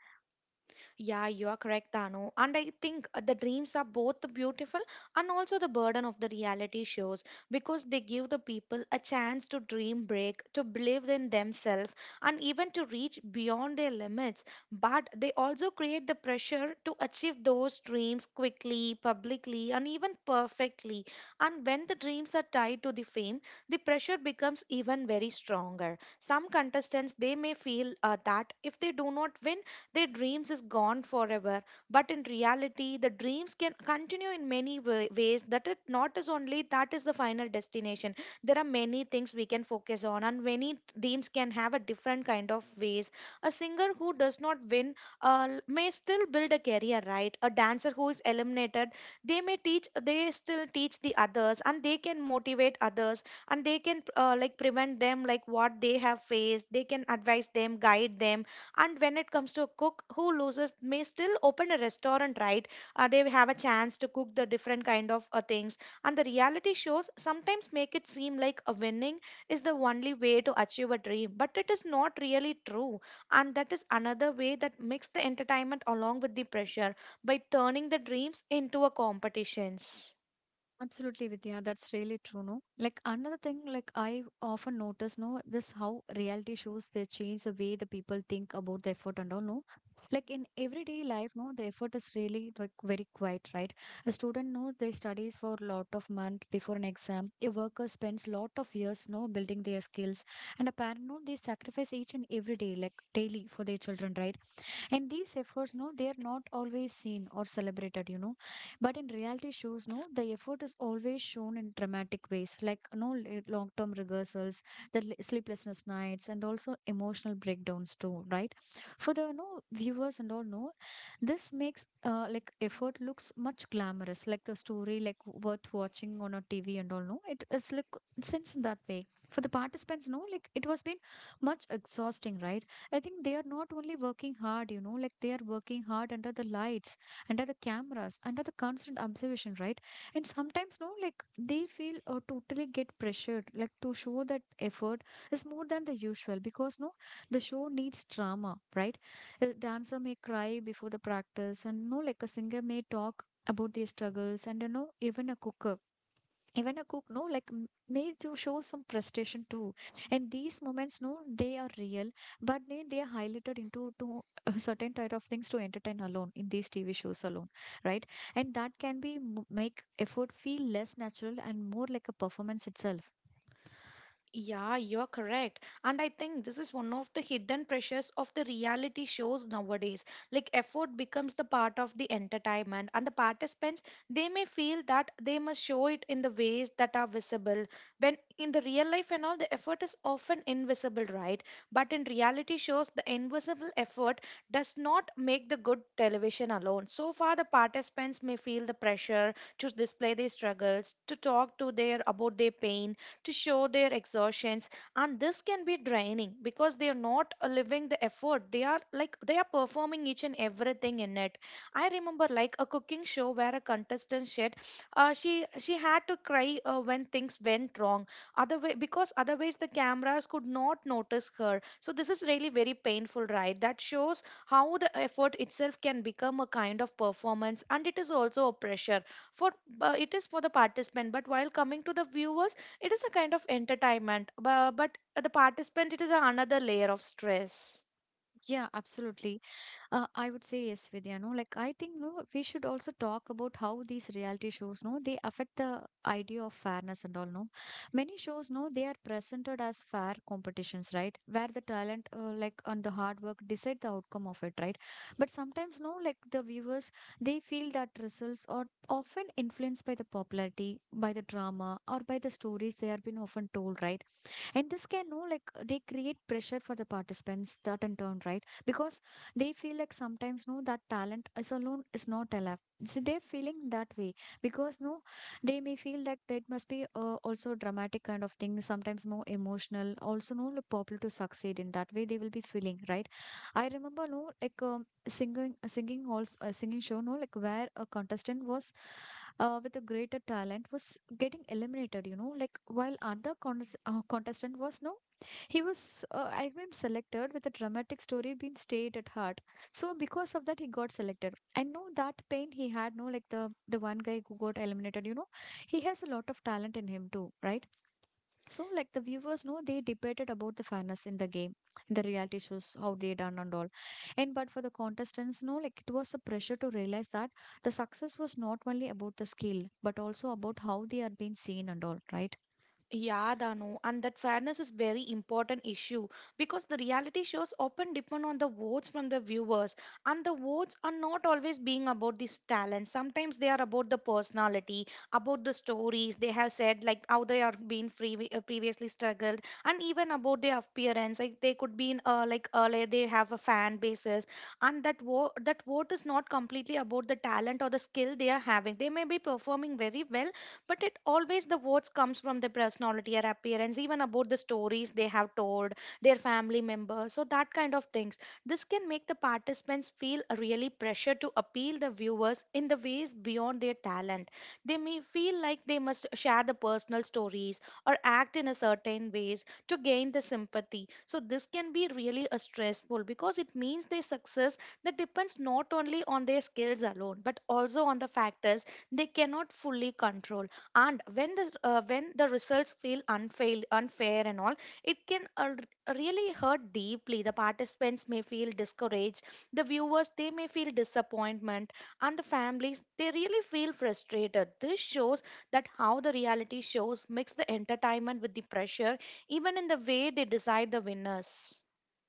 S2: Yeah, you are correct, Dano. And I think the dreams are both the beautiful and also the burden of the reality shows, because they give the people a chance to dream break, to believe in themselves, and even to reach beyond their limits. But they also create the pressure to achieve those dreams quickly, publicly, and even perfectly. And when the dreams are tied to the fame, the pressure becomes even very stronger. Some contestants they may feel that if they do not win, their dreams is gone forever. But in reality the dreams can continue in many ways, that it not is only that is the final destination. There are many things we can focus on, and many dreams can have a different kind of ways. A singer who does not win, may still build a career, right? A dancer who is eliminated, they still teach the others and they can motivate others, and they can like prevent them like what they have faced, they can advise them, guide them. And when it comes to a cook who loses, may still open a restaurant, right? They have a chance to cook the different kind of things. And the reality shows sometimes make it seem like a winning is the only way to achieve a dream, but it is not really true. And that is another way that makes the entertainment along with the pressure by turning the dreams into a competitions.
S1: Absolutely, Vidya. That's really true, no? Like another thing, like I often notice, no, this how reality shows they change the way the people think about the effort and all, no? Like in everyday life, no, the effort is really like very quiet, right? A student knows they studies for a lot of month before an exam. A worker spends lot of years, no, building their skills. And a parent, no, they sacrifice each and every day, like daily for their children, right? And these efforts no they are not always seen or celebrated, you know, but in reality shows no the effort is always shown in dramatic ways, like no long term rehearsals, sleeplessness nights, and also emotional breakdowns too, right? For the no viewers and all no, this makes like effort looks much glamorous, like the story, like worth watching on a TV and all no, it's like sense in that way. For the participants no, like it was been much exhausting, right? I think they are not only working hard, you know, like they are working hard under the lights, under the cameras, under the constant observation, right? And sometimes, no, like they feel or totally get pressured, like to show that effort is more than the usual because, no, the show needs drama, right? A dancer may cry before the practice, and no, like a singer may talk about their struggles, and you know, even a cooker, even a cook no like m- made to show some frustration too. And these moments no they are real, but they are highlighted into to a certain type of things to entertain alone in these TV shows alone, right? And that can be m- make effort feel less natural and more like a performance itself.
S2: Yeah, you're correct. And I think this is one of the hidden pressures of the reality shows nowadays. Like, effort becomes the part of the entertainment, and the participants they may feel that they must show it in the ways that are visible. When in the real life and all, the effort is often invisible, right? But in reality shows, the invisible effort does not make the good television alone. So far, the participants may feel the pressure to display their struggles, to talk to their about their pain, to show their exertions, and this can be draining because they are not living the effort. They are like they are performing each and everything in it. I remember like a cooking show where a contestant said she had to cry when things went wrong other way, because otherwise the cameras could not notice her. So this is really very painful, right? That shows how the effort itself can become a kind of performance, and it is also a pressure for, it is for the participant. But while coming to the viewers, it is a kind of entertainment, but the participant, it is another layer of stress.
S1: Yeah, absolutely. I would say yes, Vidya. No, like I think no, we should also talk about how these reality shows, no, they affect the idea of fairness and all. No, many shows, no, they are presented as fair competitions, right? Where the talent, like and the hard work, decide the outcome of it, right? But sometimes, no, like the viewers, they feel that results are often influenced by the popularity, by the drama, or by the stories they have been often told, right? And this can know like they create pressure for the participants that in turn, right? Because they feel like sometimes no that talent is alone is not allowed, so they're feeling that way. Because no they may feel like that must be also dramatic kind of thing, sometimes more emotional also no, like popular to succeed in that way they will be feeling, right? I remember no like singing halls a singing show no, like where a contestant was with a greater talent was getting eliminated, you know, like while contestant was no, he was selected with a dramatic story being stayed at heart. So because of that he got selected. I know that pain he had no, like the one guy who got eliminated, you know, he has a lot of talent in him too, right? So, like the viewers know, they debated about the fairness in the game, in the reality shows, how they done and all. And but for the contestants, no, like it was a pressure to realize that the success was not only about the skill, but also about how they are being seen and all, right?
S2: Yeah, Danu, and that fairness is very important issue, because the reality shows often depend on the votes from the viewers, and the votes are not always being about this talent. Sometimes they are about the personality, about the stories they have said, like how they are being free, previously struggled, and even about their appearance. Like they could be in, like earlier they have a fan basis, and that vote is not completely about the talent or the skill they are having. They may be performing very well, but it always the words comes from their personality or appearance, even about the stories they have told their family members, so that kind of things. This can make the participants feel really pressure to appeal the viewers in the ways beyond their talent. They may feel like they must share the personal stories or act in a certain ways to gain the sympathy. So this can be really a stressful, because it means their success that depends not only on their skills alone, but also on the factors they cannot fully control. And when the results feel unfair and all, it can, really hurt deeply. The participants may feel discouraged, the viewers they may feel disappointment, and the families they really feel frustrated. This shows that how the reality shows mix the entertainment with the pressure, even in the way they decide the winners.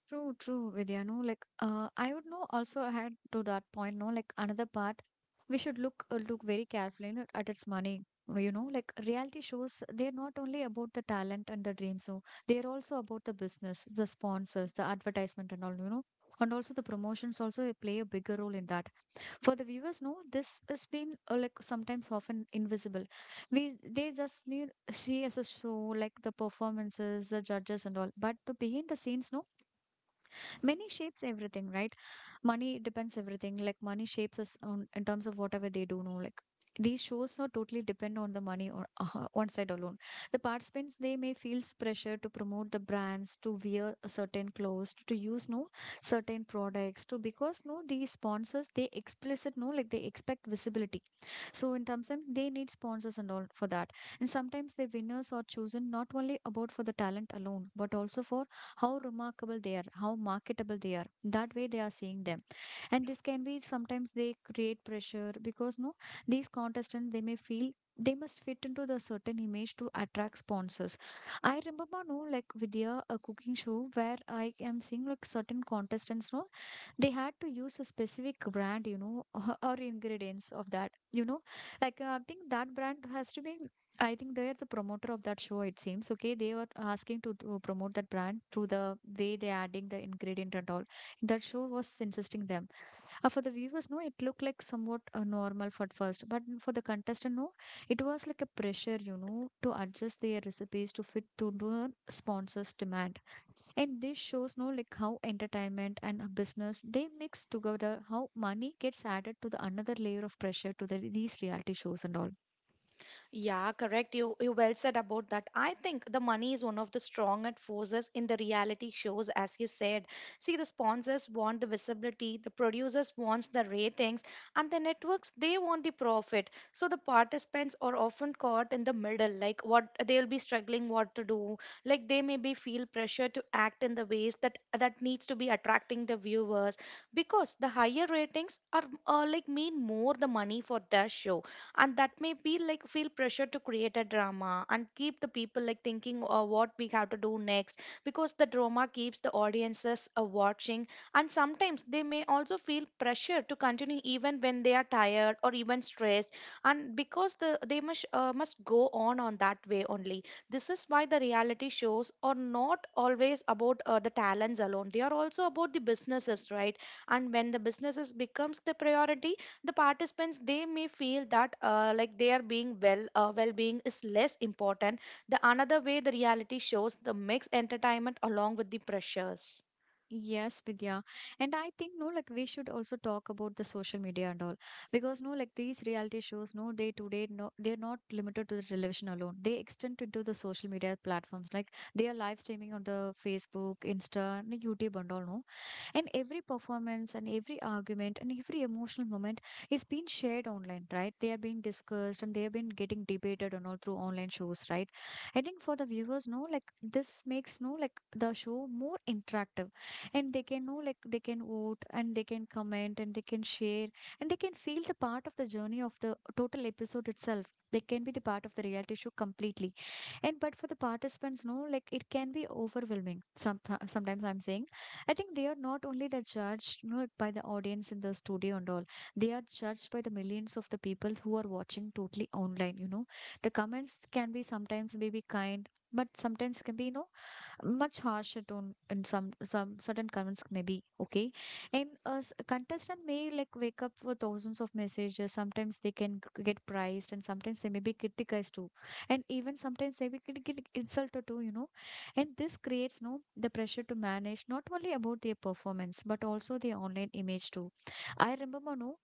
S1: True, true, Vidya. No, like I would know also add to that point. No, like another part, we should look very carefully, you know, at its money. You know, like reality shows, they're not only about the talent and the dream. So they're also about the business, the sponsors, the advertisement, and all, you know, and also the promotions also play a bigger role in that. For the viewers, no, this has been like sometimes often invisible. We they just need see as a show, like the performances, the judges, and all. But the behind the scenes, no, money shapes everything, right? Money depends everything, like money shapes us on, in terms of whatever they do know, like these shows are totally depend on the money or one side alone. The participants they may feel pressure to promote the brands, to wear a certain clothes, to use no certain products to, because no these sponsors they explicit no, like they expect visibility, so in terms of they need sponsors and all for that. And sometimes the winners are chosen not only about for the talent alone, but also for how remarkable they are, how marketable they are. That way they are seeing them. And this can be sometimes they create pressure because no, these contestants they may feel they must fit into the certain image to attract sponsors. I remember no like Vidya a cooking show where I am seeing like certain contestants no they had to use a specific brand, you know, or ingredients of that, you know, like, I think that brand has to be, I think they are the promoter of that show, it seems. Okay, they were asking to promote that brand through the way they're adding the ingredient and all. That show was insisting them. For the viewers, no, it looked like somewhat normal for at first, but for the contestant, no, it was like a pressure, you know, to adjust their recipes to fit to the sponsors' demand. And this shows, no, like how entertainment and a business they mix together, how money gets added to the another layer of pressure to the, these reality shows and all.
S2: Yeah, correct. You well said about that. I think the money is one of the strongest forces in the reality shows, as you said. See, the sponsors want the visibility, the producers wants the ratings, and the networks they want the profit. So the participants are often caught in the middle, like what they'll be struggling what to do. Like they maybe feel pressure to act in the ways that needs to be attracting the viewers, because the higher ratings are, like mean more the money for their show, and that may be like feel pressure to create a drama and keep the people like thinking what we have to do next, because the drama keeps the audiences watching. And sometimes they may also feel pressure to continue even when they are tired or even stressed, and because the they must, must go on that way only. This is why the reality shows are not always about the talents alone, they are also about the businesses, right? And when the businesses becomes the priority, the participants they may feel that, like their being well, well-being is less important, the another way the reality shows the mixed entertainment along with the pressures.
S1: Yes, Vidya. And I think no, like we should also talk about the social media and all. Because no, like these reality shows, no, they today no they're not limited to the television alone. They extend into the social media platforms. Like they are live streaming on the Facebook, Insta, and YouTube and all, no, and every performance and every argument and every emotional moment is being shared online, right? They are being discussed and they are being getting debated and all through online shows, right? I think for the viewers no like this makes no like the show more interactive, and they can know like they can vote and they can comment and they can share and they can feel the part of the journey of the total episode itself. They can be the part of the reality show completely. And but for the participants no like it can be overwhelming some sometimes I'm saying. I think they are not only the judged, you know, by the audience in the studio and all. They are judged by the millions of the people who are watching totally online. You know, the comments can be sometimes maybe kind, but sometimes can be you know much harsher tone in some certain comments maybe okay. And a s- contestant may like wake up with thousands of messages. Sometimes they can g- get praised and sometimes they may be criticized too, and even sometimes they may get insulted too, you know. And this creates no the pressure to manage not only about their performance but also their online image too. I remember no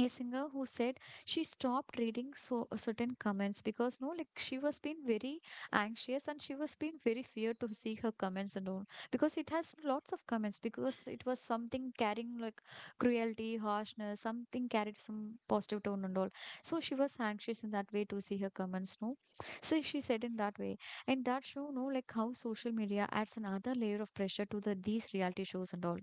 S1: a singer who said she stopped reading so certain comments because no like she was being very anxious and she was being very feared to see her comments and all, because it has lots of comments, because it was something carrying like cruelty harshness, something carried some positive tone and all. So she was anxious in that way to see her comments no, so she said in that way. And that show no like how social media adds another layer of pressure to the these reality shows and all.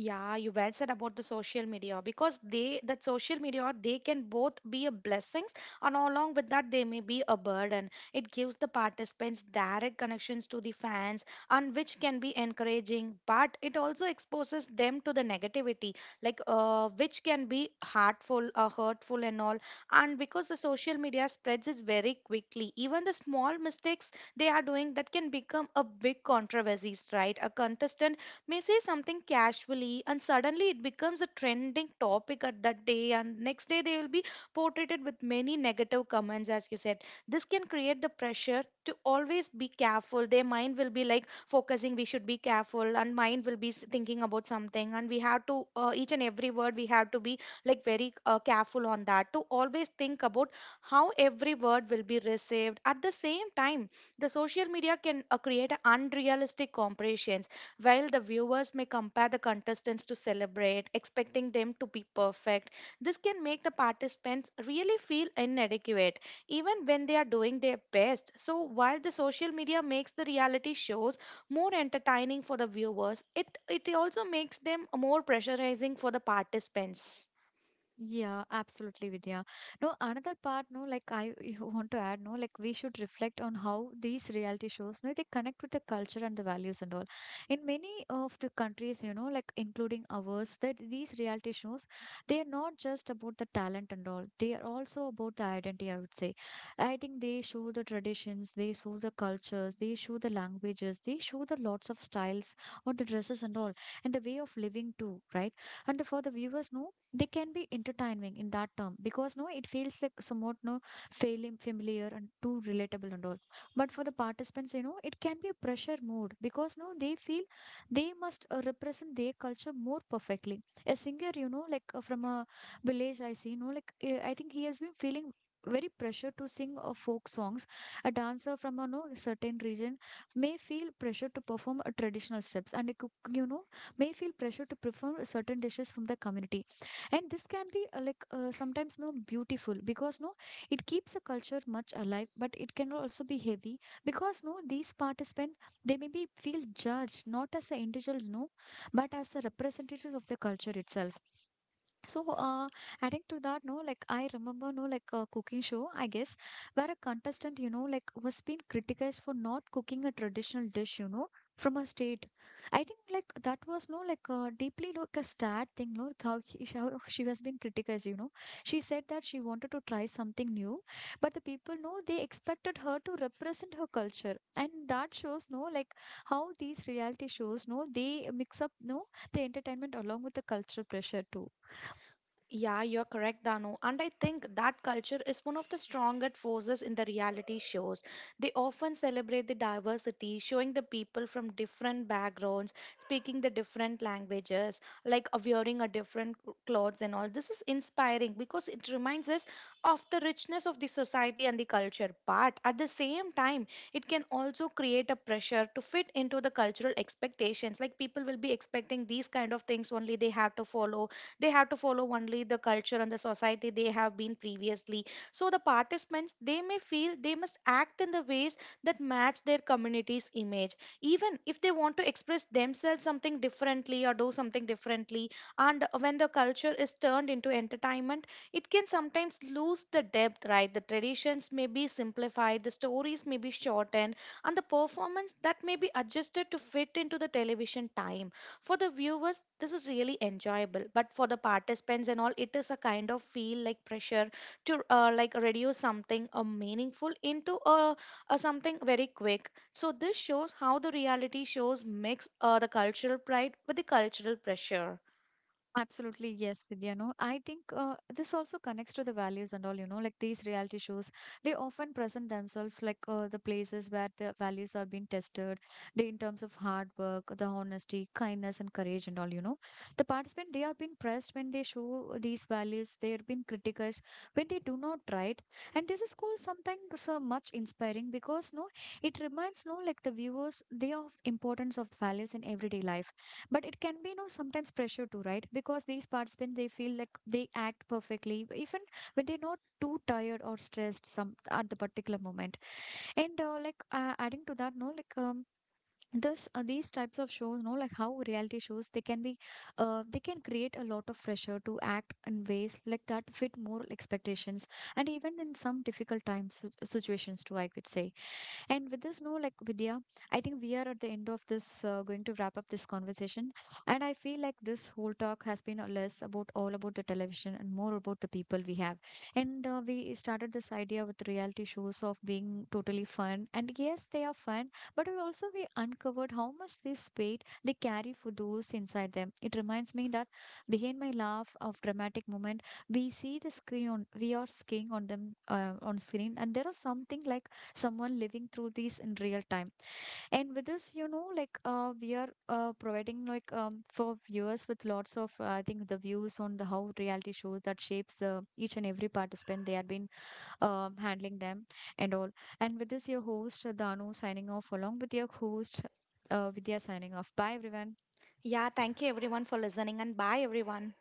S2: Yeah, you well said about the social media, because they that social media they can both be a blessings, and along with that they may be a burden. It gives the participants direct connections to the fans, and which can be encouraging, but it also exposes them to the negativity, like which can be hurtful and all. And because the social media spreads is very quickly, even the small mistakes they are doing that can become a big controversies, right? A contestant may say something casually and suddenly it becomes a trending topic at that day, and next day they will be portrayed with many negative comments as you said. This can create the pressure to always be careful. Their mind will be like focusing we should be careful, and mind will be thinking about something, and we have to, each and every word we have to be like very careful on that, to always think about how every word will be received. At the same time, the social media can create a unrealistic comparisons, while the viewers may compare the contestants to celebrate, expecting them to be perfect. This can make the participants really feel inadequate, even when they are doing their best. So, while the social media makes the reality shows more entertaining for the viewers, it also makes them more pressurizing for the participants.
S1: Yeah, absolutely, Vidya. No, another part, no, like I want to add, no, like we should reflect on how these reality shows, no, they connect with the culture and the values and all. In many of the countries, you know, like including ours, that these reality shows, they are not just about the talent and all. They are also about the identity, I would say. I think they show the traditions, they show the cultures, they show the languages, they show the lots of styles or the dresses and all, and the way of living too, right? And for the viewers, no, they can be entertaining in that term because no it feels like somewhat no failing familiar and too relatable and all, but for the participants, you know, it can be a pressure mode because no they feel they must represent their culture more perfectly. A singer, you know, like from a village, I see, you know, like I think he has been feeling very pressure to sing folk songs. A dancer from a no certain region may feel pressure to perform traditional steps, and it could, you know, may feel pressure to perform certain dishes from the community. And this can be sometimes no beautiful because no it keeps the culture much alive, but it can also be heavy because no these participants, they may be feel judged not as the individuals, no, but as the representatives of the culture itself. So, adding to that, no, like I remember, no, like a cooking show, I guess, where a contestant, you know, like was being criticized for not cooking a traditional dish, you know, from a state. I think like that was no, like deeply like a sad thing, no, like how, he, how she has been criticized, you know. She said that she wanted to try something new, but the people, no, they expected her to represent her culture, and that shows, no, like how these reality shows, no, they mix up, no, the entertainment along with the cultural pressure too.
S2: Yeah, you're correct, Danu. And I think that culture is one of the strongest forces in the reality shows. They often celebrate the diversity, showing the people from different backgrounds, speaking the different languages, like wearing a different clothes and all. This is inspiring because it reminds us of the richness of the society and the culture. But at the same time, it can also create a pressure to fit into the cultural expectations. Like people will be expecting these kind of things only they have to follow, only the culture and the society they have been previously. So the participants they may feel they must act in the ways that match their community's image, even if they want to express themselves something differently or do something differently. And when the culture is turned into entertainment, it can sometimes lose the depth, right? The traditions may be simplified, the stories may be shortened, and the performance that may be adjusted to fit into the television time. For the viewers, this is really enjoyable, but for the participants and all, it is a kind of feel like pressure to, like reduce something meaningful into a something very quick. So this shows how the reality shows mix the cultural pride with the cultural pressure.
S1: Absolutely, yes, Vidya. No, I think this also connects to the values and all, you know, like these reality shows, they often present themselves like the places where the values are being tested, they in terms of hard work, the honesty, kindness, and courage, and all, you know. The participant, they are being pressed when they show these values, they are being criticized when they do not, right? And this is called sometimes so much inspiring because, no, it reminds, no, like the viewers, they of importance of values in everyday life, but it can be, you know, sometimes pressure too, right? Because these participants, they feel like they act perfectly even when they're not too tired or stressed some at the particular moment. And adding to that, no, like this these types of shows, no, like how reality shows, they can be they can create a lot of pressure to act in ways like that fit moral expectations and even in some difficult times situations too, I could say. And with this, no, like Vidya, I think we are at the end of this, going to wrap up this conversation. And I feel like this whole talk has been a less about all about the television and more about the people we have. And we started this idea with reality shows of being totally fun. And yes, they are fun, but we also we uncovered how much this weight they carry for those inside them. It reminds me that behind my laugh of dramatic moment, we see the screen on, we are skiing on them on screen, and there are something like someone living through these in real time. And with this, you know, like we are providing like for viewers with lots of I think the views on the how reality shows that shapes the each and every participant they have been handling them and all. And with this, your host Danu signing off along with your host Vidya signing off. Bye everyone.
S2: Yeah, thank you everyone for listening, and bye everyone.